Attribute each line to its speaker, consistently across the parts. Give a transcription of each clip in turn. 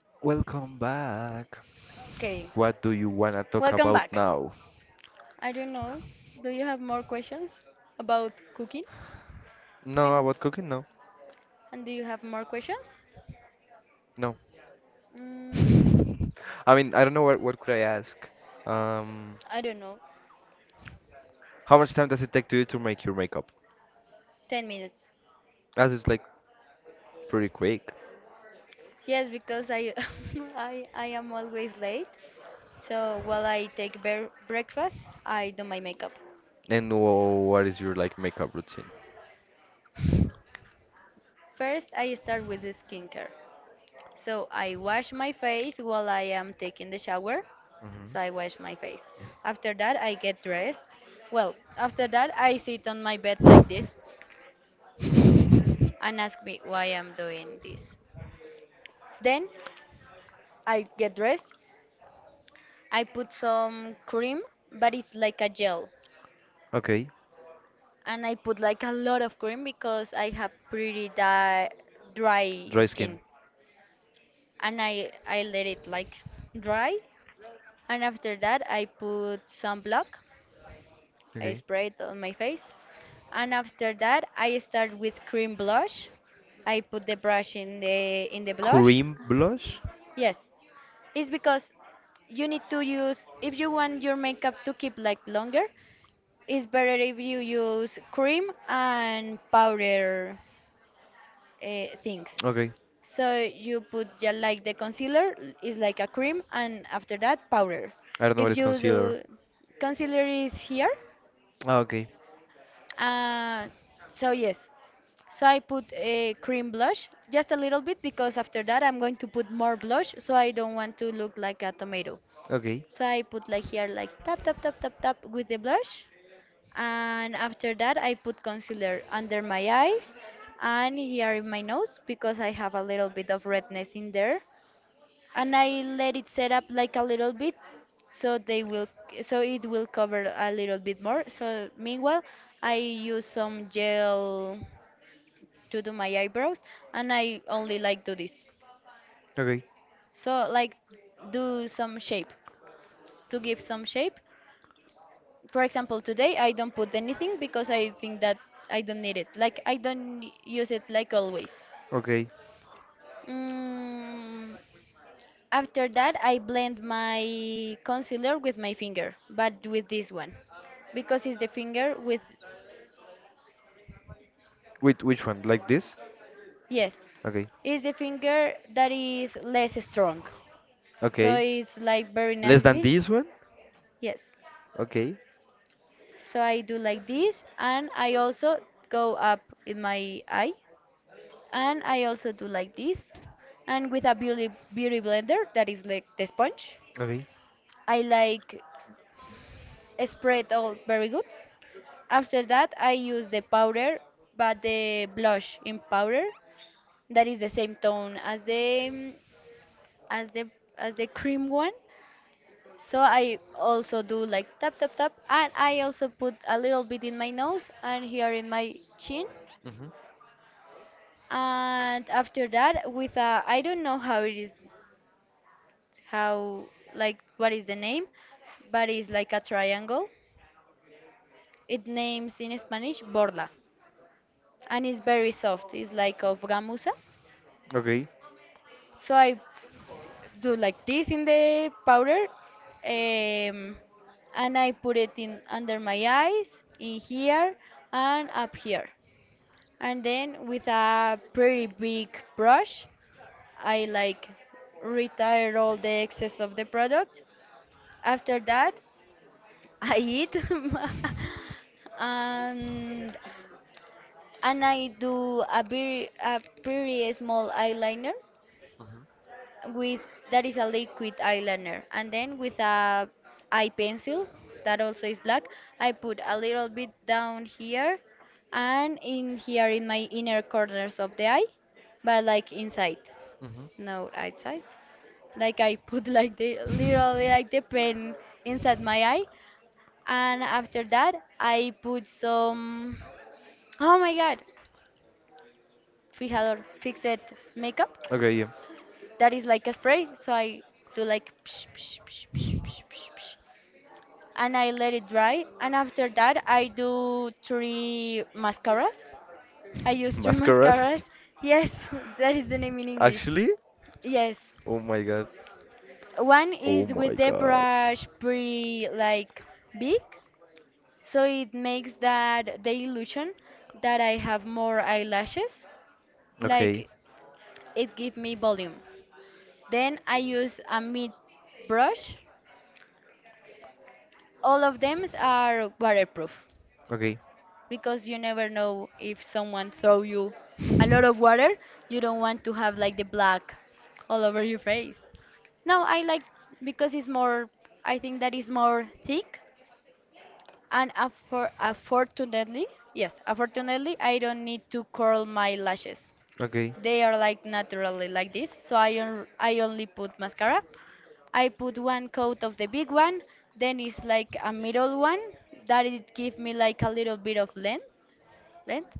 Speaker 1: Welcome back.
Speaker 2: Okay,
Speaker 1: What do you wanna talk
Speaker 2: welcome
Speaker 1: about
Speaker 2: back.
Speaker 1: now?
Speaker 2: I don't know. Do you have more questions about cooking? I
Speaker 1: No,
Speaker 2: want.
Speaker 1: about cooking? No,
Speaker 2: And do you have more questions?
Speaker 1: no.
Speaker 2: Mm,
Speaker 1: I mean, I don't know what could I ask. Um,
Speaker 2: I don't know.
Speaker 1: how much time does it take to you to make your makeup?
Speaker 2: 10 minutes.
Speaker 1: That is like pretty quick.
Speaker 2: Yes, because I, I am always late. So while I take breakfast, I do my makeup.
Speaker 1: And what is your like makeup routine?
Speaker 2: First, I start with the skincare. So I wash my face while I am taking the shower.
Speaker 1: Hmm.
Speaker 2: So I wash my face. After that, I get dressed. Well, after that, I sit on my bed like this, and ask me why I'm doing this. Then I get dressed. I put some cream, but it's like a gel.
Speaker 1: Okay,
Speaker 2: And I put like a lot of cream because I have pretty dry
Speaker 1: dry skin.
Speaker 2: skin. And I let it like dry. And after that, I put some block. I
Speaker 1: Okay.
Speaker 2: spray it on my face. And after that, I start with cream blush. I put the brush in the blush.
Speaker 1: Cream blush?
Speaker 2: Yes. It's because you need to use if you want your makeup to keep like longer. It's better if you use cream and powder things.
Speaker 1: Okay.
Speaker 2: So you put, yeah, like the concealer is like a cream, and after that powder.
Speaker 1: I don't know what
Speaker 2: If
Speaker 1: is
Speaker 2: you
Speaker 1: concealer.
Speaker 2: do, concealer is here,
Speaker 1: Ah, okay.
Speaker 2: uh, so yes. So I put a cream blush, just a little bit, because after that I'm going to put more blush, so I don't want to look like a tomato.
Speaker 1: Okay.
Speaker 2: So I put like here like tap tap tap tap tap with the blush, and after that I put concealer under my eyes and here in my nose because I have a little bit of redness in there, and I let it set up like a little bit, so they will, so it will cover a little bit more. So meanwhile I use some gel to do my eyebrows, and I only like do this,
Speaker 1: Okay.
Speaker 2: so like do some shape, to give some shape. For example, today I don't put anything because I think that I don't need it, like I don't use it like always.
Speaker 1: Okay.
Speaker 2: mm, after that I blend my concealer with my finger, but with this one, because it's the finger with,
Speaker 1: Wait, which one? Like this?
Speaker 2: yes,
Speaker 1: Okay.
Speaker 2: it's the finger that is less strong, so
Speaker 1: Okay.
Speaker 2: it's like very
Speaker 1: Less than
Speaker 2: nicely.
Speaker 1: this one?
Speaker 2: Yes,
Speaker 1: Okay.
Speaker 2: so I do like this, and I also go up in my eye, and I also do like this. And with a beauty blender that is like the sponge,
Speaker 1: Okay.
Speaker 2: I like spread all very good. After that, I use the powder, but the blush in powder that is the same tone as the, mm, as the, as the cream one. So I also do like tap tap tap, and I also put a little bit in my nose and here in my chin.
Speaker 1: Mhm.
Speaker 2: And after that, with a, I don't know how it is, how, like what is the name, but it's like a triangle. It names in Spanish borla, and it's very soft. It's like of gamuza.
Speaker 1: Okay.
Speaker 2: So I do like this in the powder, um, and I put it in under my eyes, in here, and up here. And then with a pretty big brush, I like retire all the excess of the product. After that, I eat and and I do a very a pretty small eyeliner
Speaker 1: Mhm.
Speaker 2: with, that is a liquid eyeliner, and then with a eye pencil that also is black, I put a little bit down here and in here in my inner corners of the eye, but like inside,
Speaker 1: Mhm.
Speaker 2: no outside, like I put like the literally like the pen inside my eye. And after that, I put some, oh my God, fijador, fixed makeup.
Speaker 1: Okay. Yeah.
Speaker 2: That is like a spray. So I do like, psh, psh, psh, psh, psh, psh, psh. And I let it dry. And after that, I do three mascaras. I use three
Speaker 1: Mascaras?
Speaker 2: mascaras. Yes, that is the name in English.
Speaker 1: Actually?
Speaker 2: Yes.
Speaker 1: Oh my god.
Speaker 2: One
Speaker 1: Oh
Speaker 2: is with
Speaker 1: my
Speaker 2: the
Speaker 1: god.
Speaker 2: brush pretty like big. So it makes that the illusion that I have more eyelashes,
Speaker 1: Okay.
Speaker 2: like it give me volume. Then I use a mid brush. All of them are waterproof
Speaker 1: Okay.
Speaker 2: because you never know if someone throw you a lot of water, you don't want to have like the black all over your face. No, I like, because it's more, I think that is more thick. And unfortunately, yes, unfortunately, I don't need to curl my lashes.
Speaker 1: Okay.
Speaker 2: They are like naturally like this, so I I only put mascara. I put one coat of the big one, then it's like a middle one that it give me like a little bit of length, length.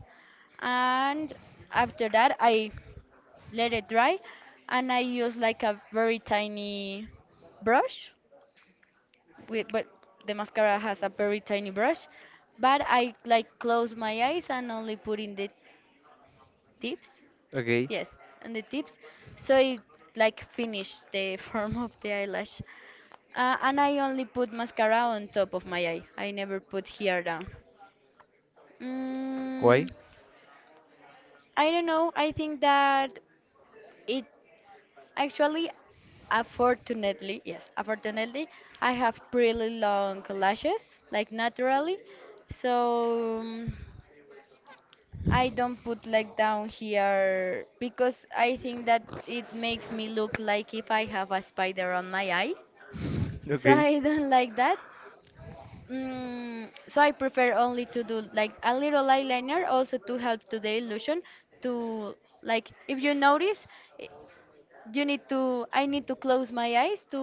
Speaker 2: And after that, I let it dry, and I use like a very tiny brush with, but the mascara has a very tiny brush. But I like close my eyes and only put in the tips.
Speaker 1: Okay.
Speaker 2: Yes, and the tips. So it like finish the form of the eyelash. And I only put mascara on top of my eye. I never put here down. Mm,
Speaker 1: Why?
Speaker 2: I don't know. I think that it, actually, unfortunately, yes, unfortunately, I have pretty long lashes, like naturally. So I don't put like down here because I think that it makes me look like if I have a spider on my eye. So I
Speaker 1: Okay.
Speaker 2: don't like that. So I prefer only to do like a little eyeliner also to help to the illusion to, like if you notice, i- you need to, I need to close my eyes to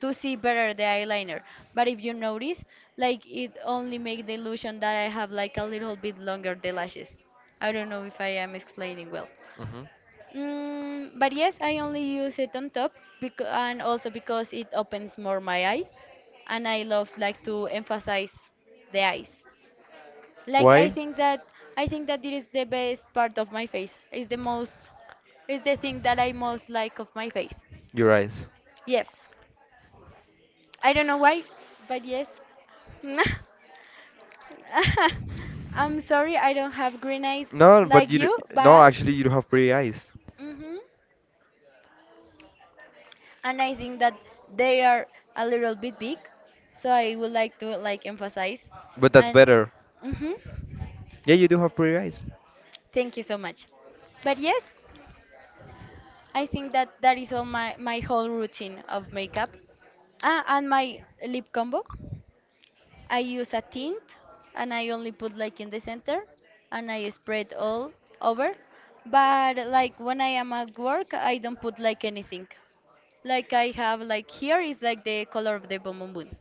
Speaker 2: to see better the eyeliner. But if you notice, like it only make the illusion that I have like a little bit longer the lashes. I don't know if I am explaining well.
Speaker 1: Mhm.
Speaker 2: But yes, I only use it on top because, and also because it opens more my eye, and I love like to emphasize the eyes, like I
Speaker 1: Why?
Speaker 2: think that, I think that it is the best part of my face. It's the most, it's the thing that I most like of my face.
Speaker 1: Your eyes.
Speaker 2: Yes. I don't know why, but yes. I'm sorry I don't have green eyes
Speaker 1: No, but
Speaker 2: like
Speaker 1: you do,
Speaker 2: you,
Speaker 1: no,
Speaker 2: but
Speaker 1: actually you do have pretty eyes.
Speaker 2: hmm, and I think that they are a little bit big, so I would like to like emphasize,
Speaker 1: But that's
Speaker 2: and
Speaker 1: better.
Speaker 2: hmm,
Speaker 1: Yeah, you do have pretty eyes.
Speaker 2: thank you so much. But yes, I think that that is all my my whole routine of makeup. Ah, and my lip combo. I use a tint and I only put like in the center and I spread all over. But like when I am at work, I don't put like anything. Like I have like here is like the color of the boom boom boom,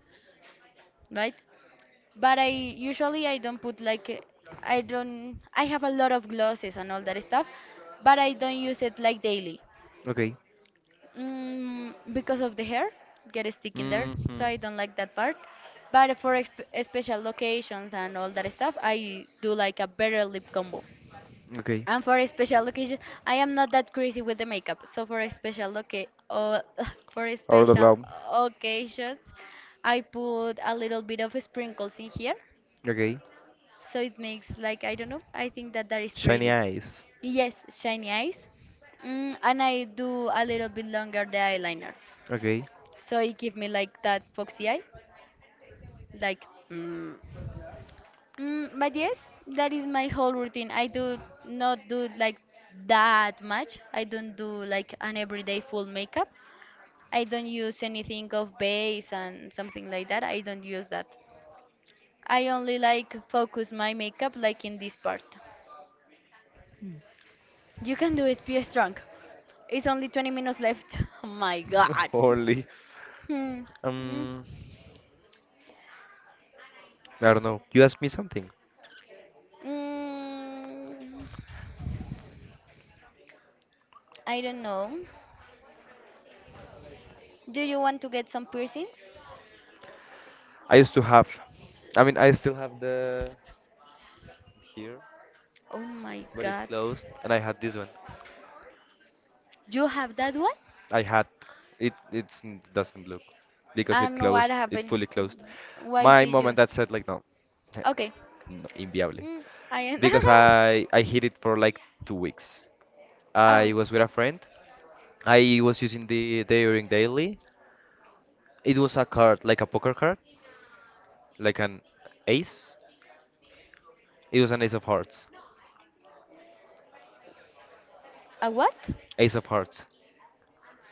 Speaker 2: right? But I usually I don't put like I don't, I have a lot of glosses and all that stuff, but I don't use it like daily.
Speaker 1: Okay.
Speaker 2: Because of the hair, get a stick in there, so
Speaker 1: Hmm.
Speaker 2: I don't like that part. But for exp special locations and all that stuff, I do like a better lip combo.
Speaker 1: Okay.
Speaker 2: And for a special occasion, I am not that crazy with the makeup. So for a special loca, for a
Speaker 1: Or the
Speaker 2: special
Speaker 1: love.
Speaker 2: occasions, I put a little bit of sprinkles in here,
Speaker 1: Okay.
Speaker 2: so it makes like I don't know. I think that that is
Speaker 1: Shiny
Speaker 2: pretty.
Speaker 1: eyes.
Speaker 2: Yes, shiny eyes. And I do a little bit longer the eyeliner.
Speaker 1: Okay.
Speaker 2: So it give me like that foxy eye, like mm. But yes, that is my whole routine. I do not do like that much. I don't do like an everyday full makeup. I don't use anything of base and something like that. I don't use that. I only like focus my makeup like in this part. You can do it, be strong. It's only 20 minutes left. Oh my god.
Speaker 1: Holy.
Speaker 2: Hmm. Mm.
Speaker 1: Um, I don't know. You asked me something.
Speaker 2: Mm. I don't know. Do you want to get some piercings?
Speaker 1: I used to have, I mean, I still have the here,
Speaker 2: Oh my
Speaker 1: but it
Speaker 2: god.
Speaker 1: closed, and I had this one.
Speaker 2: You have that one?
Speaker 1: I had it. It's doesn't look because it
Speaker 2: And what
Speaker 1: closed. It
Speaker 2: happened?
Speaker 1: fully closed.
Speaker 2: Why
Speaker 1: My
Speaker 2: did
Speaker 1: mom and
Speaker 2: you?
Speaker 1: dad said like no,
Speaker 2: Okay.
Speaker 1: no inviable,
Speaker 2: Mm, I am.
Speaker 1: because I hid it for like 2 weeks. I
Speaker 2: oh.
Speaker 1: was with a friend. I was using the earring daily. It was a card, like a poker card, like an ace. It was an ace of hearts.
Speaker 2: A what?
Speaker 1: Ace of hearts.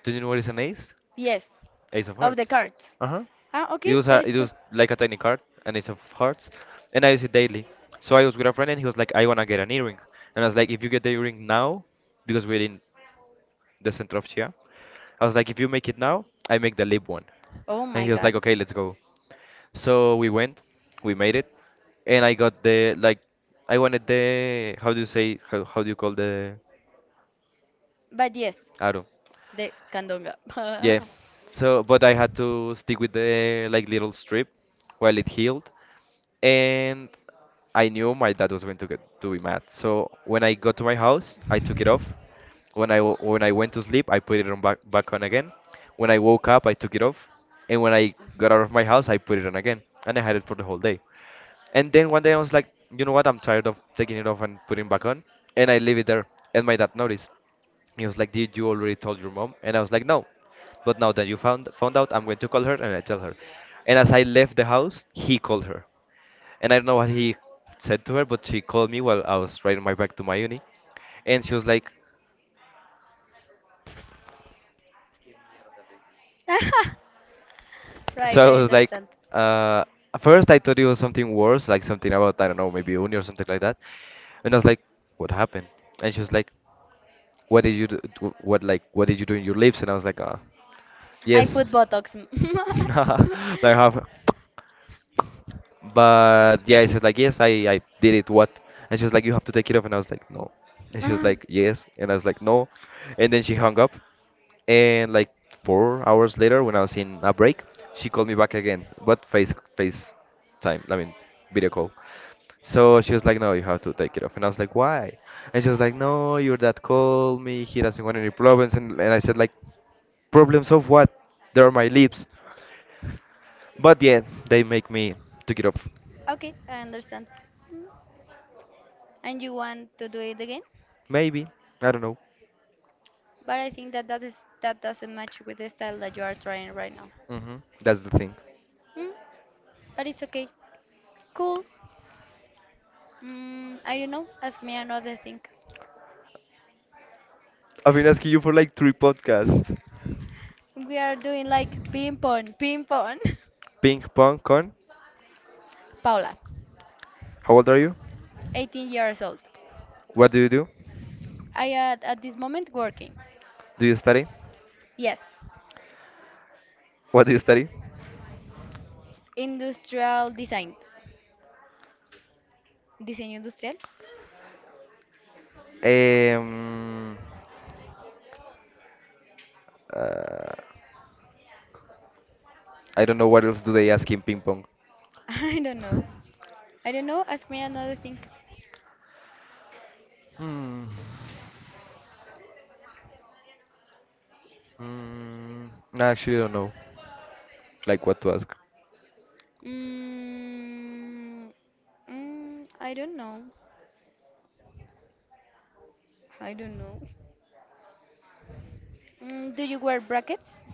Speaker 1: Do you know what is an ace?
Speaker 2: Yes.
Speaker 1: Ace of
Speaker 2: Of the
Speaker 1: hearts.
Speaker 2: cards.
Speaker 1: Uh-huh.
Speaker 2: Ah,
Speaker 1: It
Speaker 2: okay.
Speaker 1: was a,
Speaker 2: That is
Speaker 1: it
Speaker 2: good.
Speaker 1: was like a tiny card, and it's of hearts, and I use it daily. So I was with a friend, and he was like, "I wanna get an earring," and I was like, "If you get the earring now, because we're in the center of Chia, I was like, if you make it now, I make the lip one."
Speaker 2: Oh
Speaker 1: And
Speaker 2: my
Speaker 1: he was like,
Speaker 2: god.
Speaker 1: "Okay, let's go." So we went, we made it, and I got the like, I wanted the how do you say how do you call the
Speaker 2: But yes,
Speaker 1: I don't.
Speaker 2: the candonga.
Speaker 1: Yeah. So, but I had to stick with the like little strip while it healed, and I knew my dad was going to get to be mad. So when I got to my house, I took it off. When I when I went to sleep, I put it on back on again. When I woke up, I took it off, and when I got out of my house, I put it on again, and I had it for the whole day. And then one day I was like, you know what? I'm tired of taking it off and putting back on, and I leave it there. And my dad noticed. He was like, "Did you already told your mom?" And I was like, "No. But now that you found out, I'm going to call her and I tell her." And as I left the house, he called her. And I don't know what he said to her, but she called me while I was riding my bike to my uni. And she was like,
Speaker 2: right,
Speaker 1: so I
Speaker 2: I
Speaker 1: was like,
Speaker 2: understand.
Speaker 1: uh, at first I thought it was something worse, like something about, I don't know, maybe uni or something like that. And I was like, "What happened?" And she was like, "What did you do, what like what did you do in your lips?" And I was like,
Speaker 2: I put
Speaker 1: yes.
Speaker 2: Botox.
Speaker 1: Like half. But yeah, I said like yes, I did it. What? And she was like, "You have to take it off." And I was like, "No." And she was like, "Yes." And I was like, "No." And then she hung up. And like 4 hours later, when I was in a break, she called me back again, but face time. I mean, video call. So she was like, "No, you have to take it off." And I was like, "Why?" And she was like, "No, your dad called me. He doesn't want any problems." And, I said like, "Problems of what? They're my lips." But yeah, they make me take it off.
Speaker 2: okay, I understand. Mm. And you want to do it again?
Speaker 1: Maybe. I don't know.
Speaker 2: But I think that that is that doesn't match with the style that you are trying right now.
Speaker 1: Hmm. That's the thing.
Speaker 2: Mm, But it's okay. Cool. I don't know. Ask me another thing.
Speaker 1: I've been asking you for like three podcasts.
Speaker 2: We are doing like ping pong, ping pong.
Speaker 1: Ping pong con.
Speaker 2: Paula,
Speaker 1: How old are you?
Speaker 2: 18 years old.
Speaker 1: What do you do?
Speaker 2: I am at this moment working.
Speaker 1: Do you study?
Speaker 2: Yes.
Speaker 1: What do you study?
Speaker 2: Industrial design. Diseño industrial?
Speaker 1: Um, uh, I don't know what else do they ask in ping pong.
Speaker 2: I don't know. I don't know. Ask me another thing.
Speaker 1: Hmm. Mm, no, actually, I don't know. Like what to ask.
Speaker 2: Mm, I don't know. I don't know. Mm, do you wear brackets?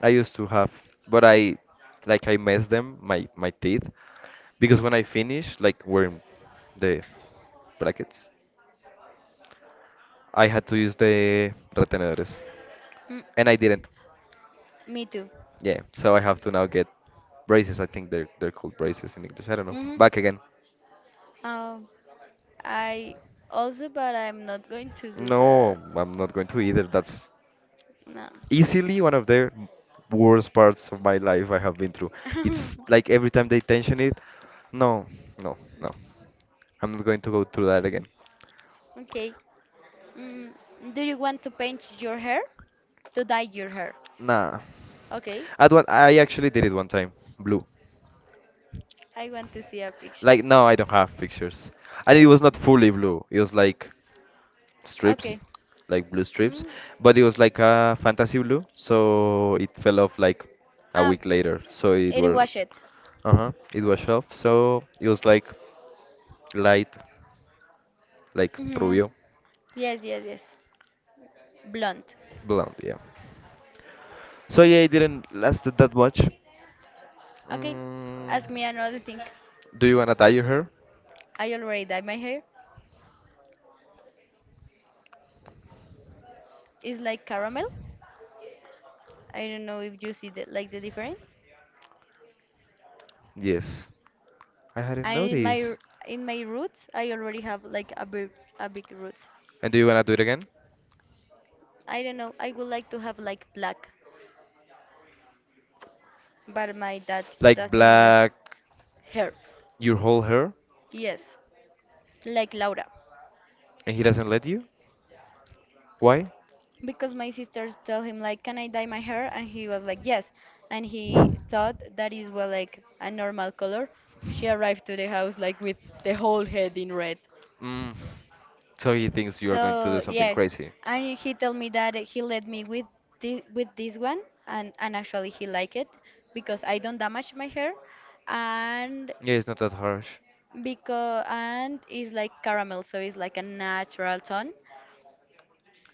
Speaker 1: I used to have, but I, like, I messed them my teeth because when I finished, like, were in the brackets. I had to use the retenedores,
Speaker 2: Mm,
Speaker 1: and I didn't.
Speaker 2: me too.
Speaker 1: Yeah, so I have to now get braces. I think they're called braces in English. I don't know.
Speaker 2: Hmm.
Speaker 1: Back again.
Speaker 2: Um, I also, but I'm not going to do that.
Speaker 1: No, I'm not going to either. That's
Speaker 2: Mm,
Speaker 1: easily one of the worst parts of my life I have been through.
Speaker 2: no.
Speaker 1: It's like every time they tension it, no, no, no. I'm not going to go through that again.
Speaker 2: Okay. Mm, do you want to paint your hair? To dye your hair.
Speaker 1: Nah.
Speaker 2: Okay.
Speaker 1: At one, I actually did it one time, blue.
Speaker 2: I want to see a picture.
Speaker 1: Like no, I don't have pictures, and it was not fully blue. It was like strips,
Speaker 2: Okay.
Speaker 1: like blue strips,
Speaker 2: Mm.
Speaker 1: but it was like a fantasy blue, so it fell off like a
Speaker 2: Ah,
Speaker 1: week later. So it
Speaker 2: it
Speaker 1: were,
Speaker 2: was it.
Speaker 1: uh-huh, it was off. So it was like light, like
Speaker 2: Mhm.
Speaker 1: rubio,
Speaker 2: Yes, yes, yes. Blonde.
Speaker 1: blonde, yeah. So yeah, it didn't last that much.
Speaker 2: Okay.
Speaker 1: Mm,
Speaker 2: Ask me another thing.
Speaker 1: do you wanna dye your hair?
Speaker 2: I already dyed my hair. It's like caramel. I don't know if you see the like the difference.
Speaker 1: Yes, I hadn't
Speaker 2: And in
Speaker 1: noticed.
Speaker 2: in my roots, I already have like a big root.
Speaker 1: And do you wanna do it again?
Speaker 2: I don't know. I would like to have like black, but my dad
Speaker 1: Like
Speaker 2: doesn't let
Speaker 1: black
Speaker 2: hair.
Speaker 1: your whole hair,
Speaker 2: Yes, like Laura.
Speaker 1: and he doesn't let you? Why?
Speaker 2: Because my sisters tell him like, can I dye my hair? And he was like, yes. And he thought that is well like a normal color. She arrived to the house like with the whole head in red.
Speaker 1: Mm, so he thinks you are going to do
Speaker 2: So
Speaker 1: something
Speaker 2: yes,
Speaker 1: crazy.
Speaker 2: and he told me that he let me with this one. And actually he liked it because I don't damage my hair. And
Speaker 1: Yeah, it's not that harsh.
Speaker 2: because and it's like caramel, so it's like a natural tone.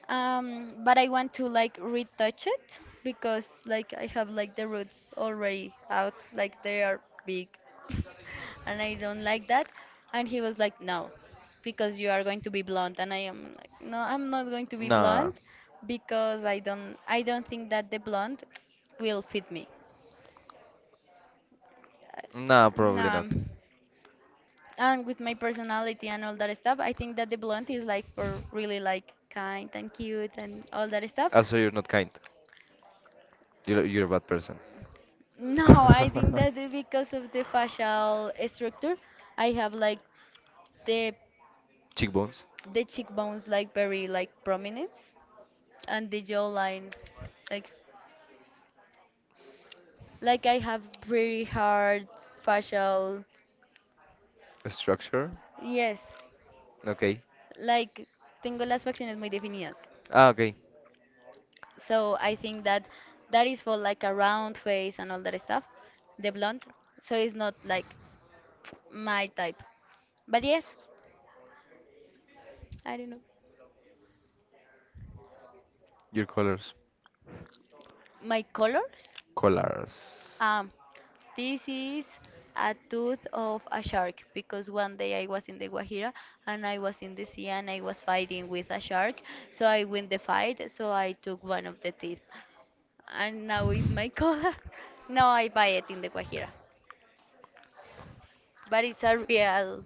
Speaker 2: But I want to like retouch it because like I have like the roots already out, like they are big, and I don't like that. And he was like, no, because you are going to be blonde, and I am like, no, I'm not going to be
Speaker 1: Nah,
Speaker 2: blonde because I don't think that the blonde will fit me.
Speaker 1: nah, probably
Speaker 2: No,
Speaker 1: not.
Speaker 2: and with my personality and all that stuff, I think that the blonde is like for really like kind and cute and all that stuff.
Speaker 1: Also, you're not kind. You're a bad person.
Speaker 2: No, I think that because of the facial structure, I have like the
Speaker 1: Cheekbones,
Speaker 2: the cheekbones like very like prominence, and the jawline like like I have very hard facial.
Speaker 1: structure.
Speaker 2: Yes,
Speaker 1: Okay.
Speaker 2: like tengo las facciones muy definidas.
Speaker 1: Ah, okay.
Speaker 2: So I think that that is for like a round face and all that stuff, the blonde. So it's not like my type. But yes, I don't know.
Speaker 1: Your colors.
Speaker 2: My colors?
Speaker 1: Collars.
Speaker 2: Um, this is a tooth of a shark because one day I was in the Guajira and I was in the sea and I was fighting with a shark. So I win the fight, so I took one of the teeth. And now it's my collar. Now I buy it in the Guajira. But it's a real,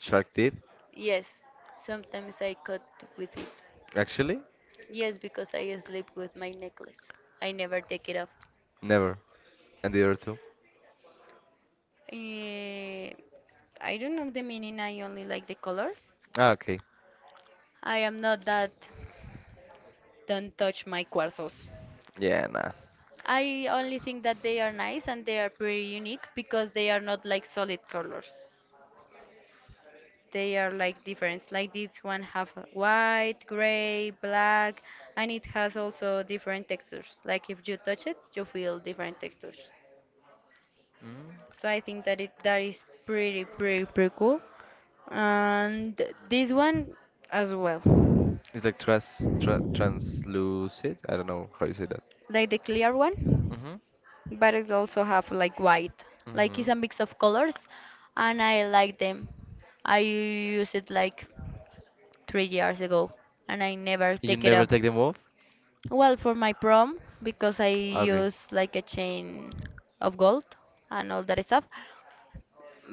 Speaker 1: Shark teeth.
Speaker 2: yes. Sometimes I cut with it.
Speaker 1: Actually,
Speaker 2: Yes, because I sleep with my necklace. I never take it off.
Speaker 1: never. And the other two.
Speaker 2: Eh, I don't know the meaning, I only like the colors.
Speaker 1: Ah, okay.
Speaker 2: I am not that. Don't touch my cuarzos.
Speaker 1: Yeah, nah.
Speaker 2: I only think that they are nice and they are pretty unique because they are not like solid colors. They are like different. Like this one have white, gray, black, and it has also different textures. Like if you touch it, you feel different textures.
Speaker 1: Mm.
Speaker 2: So I think that it that is pretty pretty pretty cool. And this one as well.
Speaker 1: It's like translucid. I don't know how you say that.
Speaker 2: Like the clear one.
Speaker 1: Mhm.
Speaker 2: But it also have like white. Like it's a
Speaker 1: Mhm.
Speaker 2: mix of colors, and I like them. I use it like 3 years ago, and I never
Speaker 1: You
Speaker 2: take it
Speaker 1: never
Speaker 2: off.
Speaker 1: take them off?
Speaker 2: Well, for my prom, because I
Speaker 1: Okay.
Speaker 2: use like a chain of gold and all that stuff,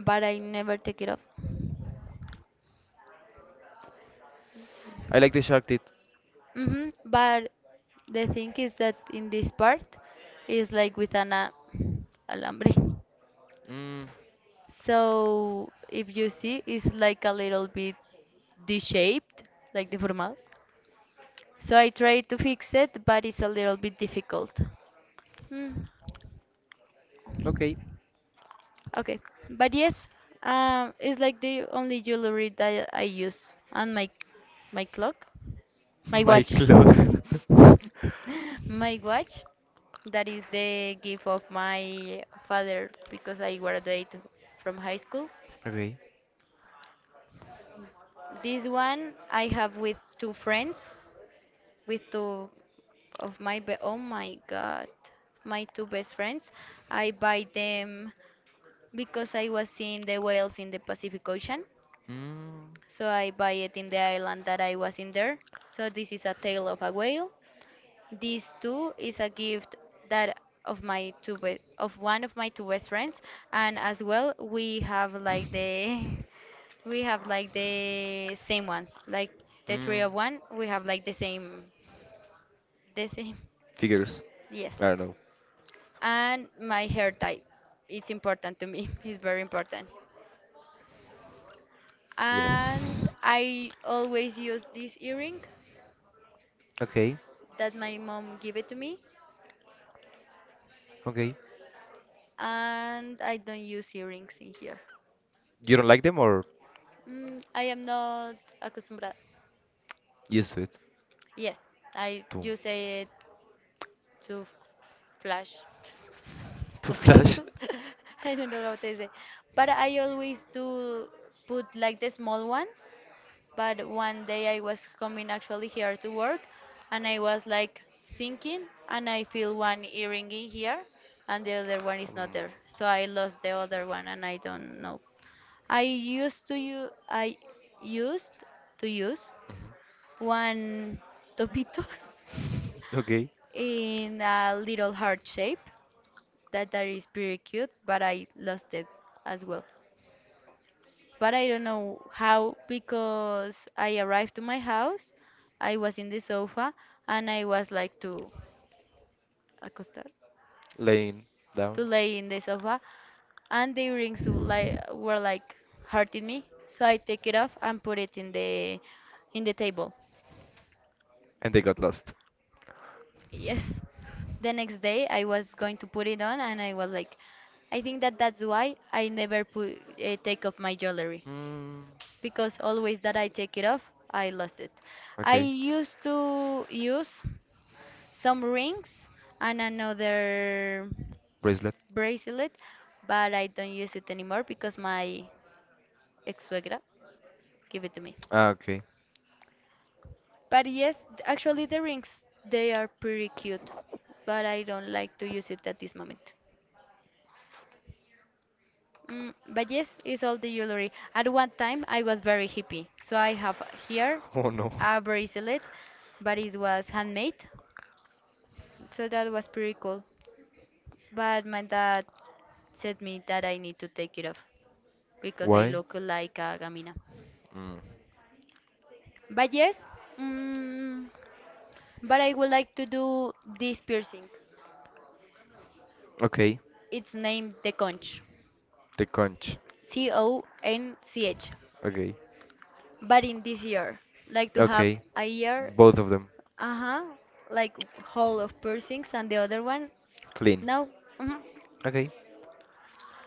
Speaker 2: but I never take it off.
Speaker 1: I like the shark teeth.
Speaker 2: Hmm. But the thing is that in this part is like with an alambre.
Speaker 1: Mm,
Speaker 2: So if you see, it's like a little bit D-shaped, like the formal. So I tried to fix it, but it's a little bit difficult. Hmm.
Speaker 1: okay.
Speaker 2: Okay, but yes, it's like the only jewelry that I use on my clock, my
Speaker 1: My
Speaker 2: watch,
Speaker 1: cloak.
Speaker 2: my watch. That is the gift of my father because I graduated from high school.
Speaker 1: Okay.
Speaker 2: This one I have with two friends. With two of my be- oh my god, my two best friends. I buy them because I was seeing the whales in the Pacific Ocean.
Speaker 1: Mm,
Speaker 2: So I buy it in the island that I was in there. So this is a tail of a whale. These two is a gift that of one of my two best friends, and as well we have like the we have like the same ones like the three
Speaker 1: mm.
Speaker 2: of one we have like the same
Speaker 1: Figures.
Speaker 2: yes,
Speaker 1: I don't know.
Speaker 2: and my hair type. It's important to me. It's very important. And
Speaker 1: Yes.
Speaker 2: I always use this earring
Speaker 1: Okay.
Speaker 2: that my mom gave it to me,
Speaker 1: Okay.
Speaker 2: and I don't use earrings in here.
Speaker 1: You don't like them or?
Speaker 2: I am not acostumbrada.
Speaker 1: Yes, to.
Speaker 2: Yes, I
Speaker 1: To
Speaker 2: use it to flash.
Speaker 1: to
Speaker 2: How okay
Speaker 1: flash.
Speaker 2: I don't know how to say, but I always do put like the small ones. But one day I was coming actually here to work and I was like thinking, and I feel one earring in here and the other one is
Speaker 1: Um,
Speaker 2: not there. So I lost the other one and I don't know. I used to use
Speaker 1: mhm.
Speaker 2: one topitos
Speaker 1: Okay,
Speaker 2: in a little heart shape that is pretty cute, but I lost it as well. But I don't know how, because I arrived to my house, I was in the sofa, and I was like to acostar,
Speaker 1: laying down,
Speaker 2: to lay in the sofa, and the rings like were like hurting me, so I take it off and put it in the table.
Speaker 1: and they got lost.
Speaker 2: Yes. The next day I was going to put it on and I was like, I think that that's why I never put take off my jewelry
Speaker 1: Mm,
Speaker 2: because always that I take it off, I lost it. I
Speaker 1: okay.
Speaker 2: used to use some rings and another
Speaker 1: Bracelet.
Speaker 2: bracelet, but I don't use it anymore because my ex-suegra gave it to me.
Speaker 1: Ah, okay.
Speaker 2: But yes, actually the rings, they are pretty cute, but I don't like to use it at this moment. Mm, but yes, it's all the jewelry. At one time, I was very hippie, so I have here
Speaker 1: Oh no.
Speaker 2: a bracelet, but it was handmade. So that was pretty cool. But my dad said me that I need to take it off because I
Speaker 1: Why?
Speaker 2: look like a gamina.
Speaker 1: Mm.
Speaker 2: But yes, mm, but I would like to do this piercing.
Speaker 1: Okay.
Speaker 2: It's named the conch,
Speaker 1: The conch.
Speaker 2: C O N C H.
Speaker 1: Okay.
Speaker 2: But in this year, like to have
Speaker 1: Okay.
Speaker 2: a year,
Speaker 1: Both of them.
Speaker 2: uh huh, like whole of piercings, and the other one,
Speaker 1: Clean.
Speaker 2: no. Mhm.
Speaker 1: Okay.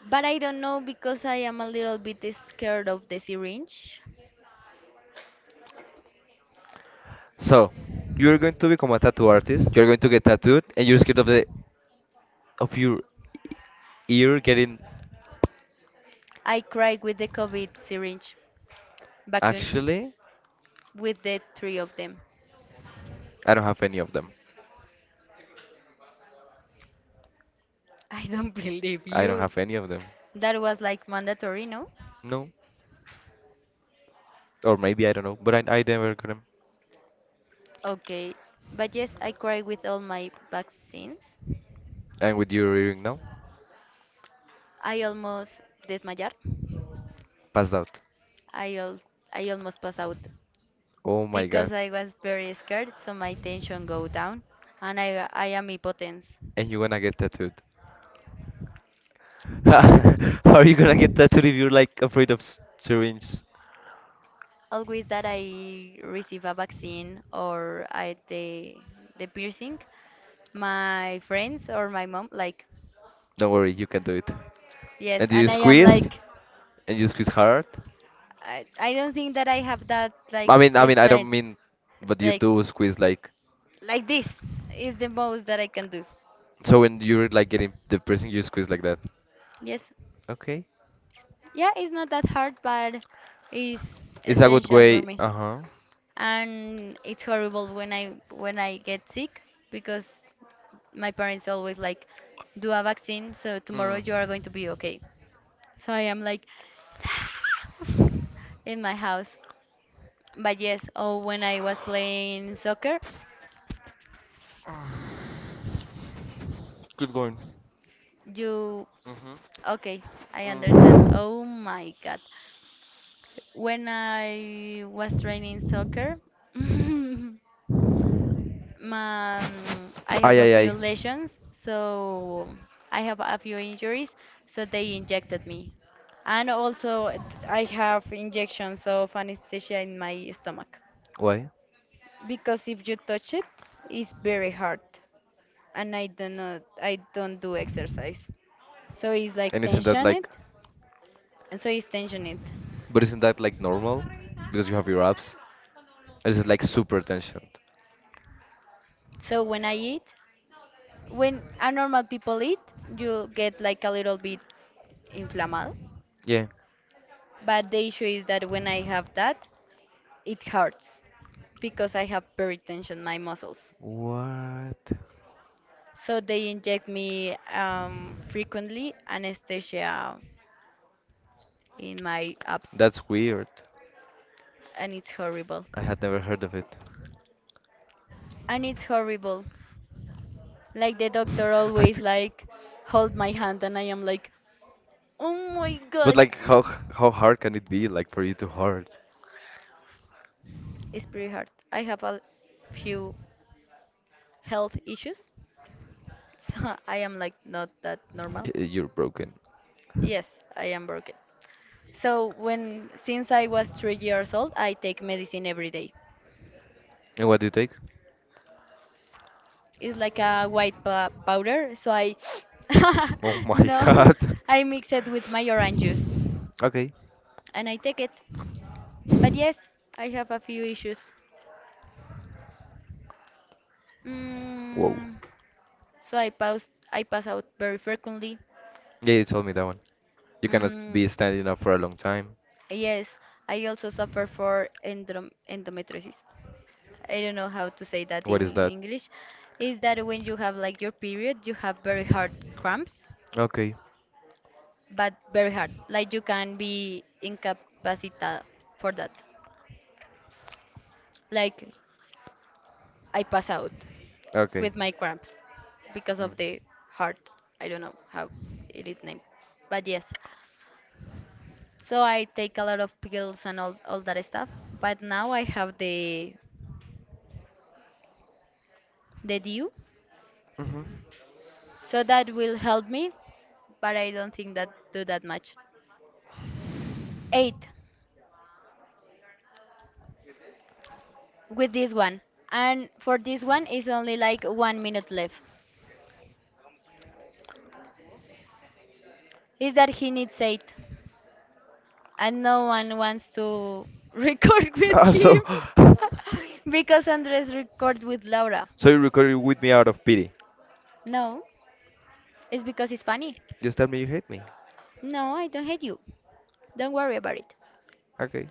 Speaker 2: But I don't know because I am a little bit scared of the syringe.
Speaker 1: So, you're going to become a tattoo artist. You're going to get tattooed, and you're scared of the of your ear getting.
Speaker 2: I cried with the COVID syringe vacuum,
Speaker 1: Actually,
Speaker 2: with the three of them.
Speaker 1: I don't have any of them.
Speaker 2: I don't believe
Speaker 1: I don't
Speaker 2: you.
Speaker 1: have any of them.
Speaker 2: That was like mandatory, no?
Speaker 1: No, or maybe I don't know. But I never got them.
Speaker 2: Okay, but yes, I cried with all my vaccines.
Speaker 1: And with your earring now,
Speaker 2: I almost desmayar.
Speaker 1: passed out.
Speaker 2: I al I almost pass out
Speaker 1: Oh my god.
Speaker 2: because I was very scared, so my tension go down and I am impotence.
Speaker 1: And you're gonna get tattooed. How are you gonna get tattooed if you're like afraid of syringes?
Speaker 2: Always that I receive a vaccine or I the piercing, my friends or my mom like,
Speaker 1: Don't worry, you can do it.
Speaker 2: yes,
Speaker 1: And you
Speaker 2: and I am
Speaker 1: squeeze,
Speaker 2: like,
Speaker 1: and you squeeze hard.
Speaker 2: I don't think that I have that like
Speaker 1: I mean, I
Speaker 2: the
Speaker 1: mean, I don't
Speaker 2: strength.
Speaker 1: mean, but you
Speaker 2: Like
Speaker 1: do squeeze like.
Speaker 2: like this is the most that I can do.
Speaker 1: So when you're like getting the pressing, you squeeze like that.
Speaker 2: Yes.
Speaker 1: Okay.
Speaker 2: Yeah, it's not that hard, but it's
Speaker 1: It's a good
Speaker 2: essential for
Speaker 1: way.
Speaker 2: me.
Speaker 1: Uh huh.
Speaker 2: And it's horrible when I get sick because my parents always like, do a vaccine, so tomorrow
Speaker 1: Hmm.
Speaker 2: you are going to be okay. So I am like in my house. But yes, oh, when I was playing soccer,
Speaker 1: Good going.
Speaker 2: you
Speaker 1: Mm-hmm.
Speaker 2: okay, I understand.
Speaker 1: Mm.
Speaker 2: Oh my God. When I was training soccer, my, I
Speaker 1: Ay,
Speaker 2: have a
Speaker 1: ay,
Speaker 2: few
Speaker 1: ay.
Speaker 2: lesions, so I have a few injuries, so they injected me. And also, I have injections of anesthesia in my stomach
Speaker 1: Why?
Speaker 2: because if you touch it, it's very hard, and I don't do exercise, so it's like
Speaker 1: And isn't that
Speaker 2: tension it,
Speaker 1: like,
Speaker 2: so it's tension it.
Speaker 1: but isn't that like normal? Because you have your abs. It's just like super tension.
Speaker 2: So when I eat, when a normal people eat, you get like a little bit inflamed.
Speaker 1: Yeah.
Speaker 2: But the issue is that when I have that, it hurts because I have hypertension in my muscles.
Speaker 1: What?
Speaker 2: So they inject me frequently anesthesia in my abs,
Speaker 1: That's weird.
Speaker 2: and it's horrible.
Speaker 1: I had never heard of it.
Speaker 2: And it's horrible. Like the doctor
Speaker 1: I
Speaker 2: always
Speaker 1: think.
Speaker 2: like hold my hand, and I am like, oh my
Speaker 1: But
Speaker 2: god.
Speaker 1: like, how hard can it be? Like for you to hard?
Speaker 2: It's pretty hard. I have a few health issues, so I am like not that normal.
Speaker 1: You're broken.
Speaker 2: Yes, I am broken. So when since I was 3 years old, I take medicine every day.
Speaker 1: And what do you take?
Speaker 2: It's like a powder, so I
Speaker 1: Oh my
Speaker 2: no,
Speaker 1: god.
Speaker 2: I mix it with my orange juice
Speaker 1: Okay.
Speaker 2: and I take it. But yes, I have a few issues.
Speaker 1: Whoa.
Speaker 2: Mm, so I pass out very frequently.
Speaker 1: Yeah, you told me that one. You cannot
Speaker 2: Mm,
Speaker 1: be standing up for a long time.
Speaker 2: yes, I also suffer for endometriosis. I don't know how to say that
Speaker 1: What
Speaker 2: in
Speaker 1: is that?
Speaker 2: English. Is that when you have like your period, you have very hard cramps,
Speaker 1: Okay.
Speaker 2: but very hard. Like you can be incapacitated for that. Like I pass out
Speaker 1: Okay.
Speaker 2: with my cramps because of the heart. I don't know how it is named, but yes. So I take a lot of pills and all that stuff. But now I have the DU.
Speaker 1: Mm-hmm.
Speaker 2: So that will help me, but I don't think that do that much. Eight with this one, and for this one is only like 1 minute left. Is that he needs eight, and no one wants to record with
Speaker 1: Ah, so,
Speaker 2: him because Andres record with Laura.
Speaker 1: so you recorded with me out of pity.
Speaker 2: No, it's because it's funny.
Speaker 1: Just tell me you hate me.
Speaker 2: No, I don't hate you. Don't worry about it.
Speaker 1: Okay.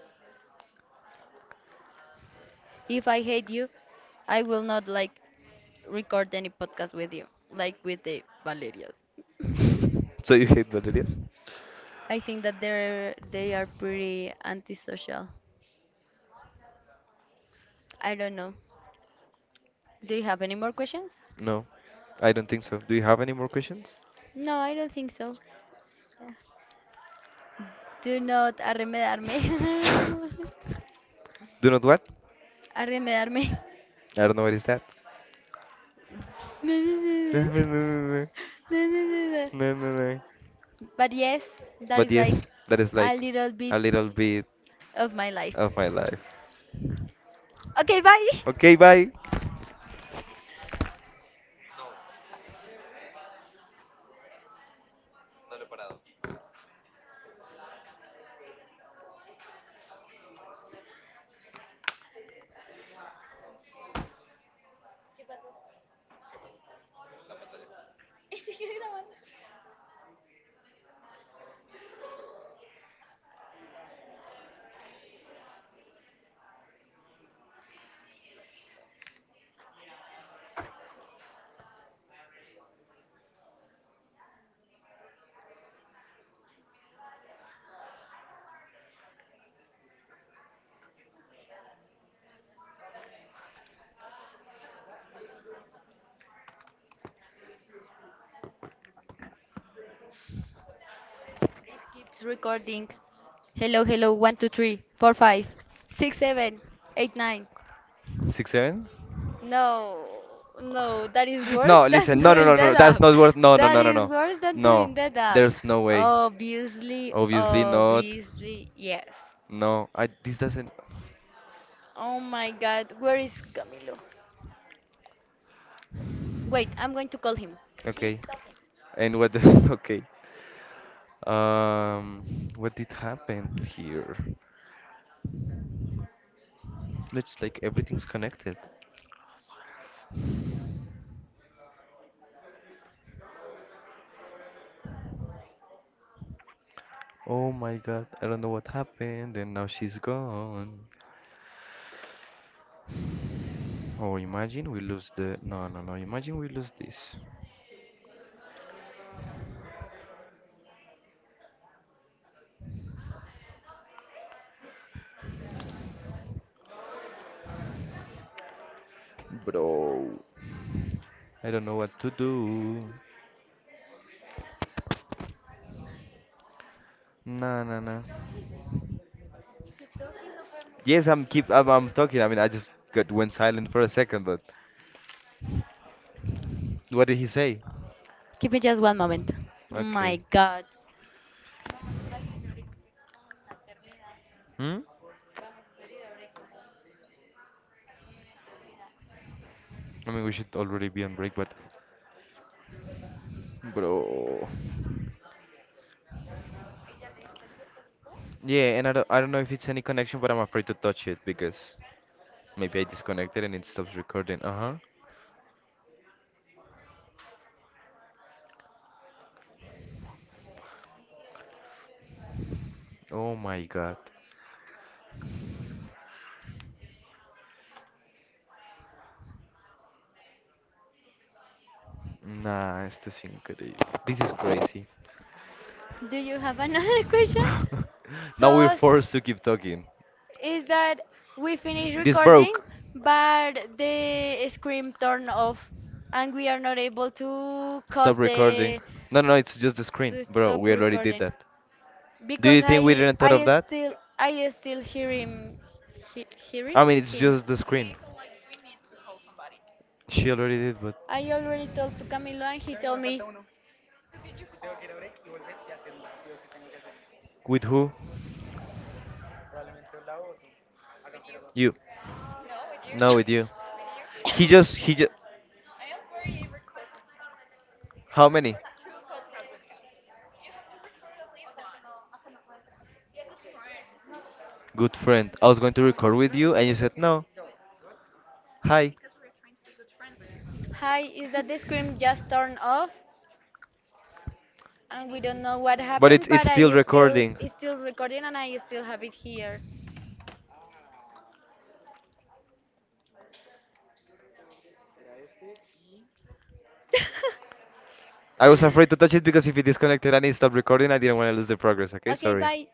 Speaker 2: If I hate you, I will not like record any podcast with you, like with the Valerias.
Speaker 1: So you hate Valerias?
Speaker 2: I think that they are pretty antisocial. I don't know. Do you have any more questions?
Speaker 1: No, I don't think so. Do you have any more questions?
Speaker 2: No, I don't think so. Yeah. Do not arremedarme.
Speaker 1: Do not what?
Speaker 2: Arremedarme.
Speaker 1: I don't know what is that.
Speaker 2: No, no, no, no. No, no, no, no. But yes, that
Speaker 1: But
Speaker 2: is
Speaker 1: yes,
Speaker 2: like
Speaker 1: that is
Speaker 2: a
Speaker 1: like
Speaker 2: little bit
Speaker 1: a little bit
Speaker 2: of my life.
Speaker 1: of my life.
Speaker 2: Okay, bye.
Speaker 1: Okay, bye.
Speaker 2: Keeps recording. Hello, hello. One, two, three, four, five, six, seven, eight, nine.
Speaker 1: Six seven?
Speaker 2: No, no, that is worse,
Speaker 1: No,
Speaker 2: no, than,
Speaker 1: listen,
Speaker 2: no,
Speaker 1: no, no,
Speaker 2: doing, no,
Speaker 1: no,
Speaker 2: that,
Speaker 1: no,
Speaker 2: no,
Speaker 1: that's
Speaker 2: up,
Speaker 1: not
Speaker 2: no,
Speaker 1: worth. No, no,
Speaker 2: no,
Speaker 1: no, no,
Speaker 2: no, no,
Speaker 1: no,
Speaker 2: worse than
Speaker 1: no.
Speaker 2: doing that up.
Speaker 1: There's no way.
Speaker 2: Obviously,
Speaker 1: Obviously not.
Speaker 2: obviously, yes.
Speaker 1: No, I. This doesn't.
Speaker 2: Oh my God, where is Camilo? Wait, I'm going to call him.
Speaker 1: Okay. And what? Okay. What did happen here? It's like everything's connected. Oh my God, I don't know what happened, and now she's gone. Oh, imagine we lose the. No, no, no. Imagine we lose this, bro. I don't know what to do. Nah, nah, nah. Yes, I'm talking. I mean, I just got went silent for a second, but what did he say?
Speaker 2: Give me just one moment.
Speaker 1: Okay.
Speaker 2: My God.
Speaker 1: Hmm? I mean, we should already be on break, but bro. Yeah, and I don't know if it's any connection, but I'm afraid to touch it because maybe I disconnected and it stops recording. Uh-huh. Oh my God. Nah, esto es increíble. This is crazy.
Speaker 2: Do you have another question? So,
Speaker 1: Now we're
Speaker 2: s-
Speaker 1: forced to keep talking.
Speaker 2: is that we finish
Speaker 1: This
Speaker 2: recording,
Speaker 1: broke.
Speaker 2: but the screen turned off, and we are not able to
Speaker 1: Stop
Speaker 2: cut
Speaker 1: recording.
Speaker 2: the
Speaker 1: No, no, it's just the
Speaker 2: to
Speaker 1: screen, bro.
Speaker 2: stop
Speaker 1: We already did
Speaker 2: recording
Speaker 1: that. Do
Speaker 2: because
Speaker 1: you think we
Speaker 2: I
Speaker 1: didn't thought of
Speaker 2: I
Speaker 1: that?
Speaker 2: still I still hear him
Speaker 1: I
Speaker 2: hearing
Speaker 1: mean, it's
Speaker 2: him.
Speaker 1: just the screen. She already did, but
Speaker 2: I already told to Camilo and he told me,
Speaker 1: with who? You. No, with you. He just. How many? Good friend. I was going to record with you, and you said no. Hi.
Speaker 2: "Hi, is that the screen just turned off?" And we don't know what
Speaker 1: But
Speaker 2: happened, but
Speaker 1: it's still
Speaker 2: I still
Speaker 1: recording.
Speaker 2: it's still recording and I still have it here.
Speaker 1: I was afraid to touch it because if it disconnected and it stopped recording, I didn't want to lose the progress. Okay,
Speaker 2: Okay,
Speaker 1: sorry.
Speaker 2: bye.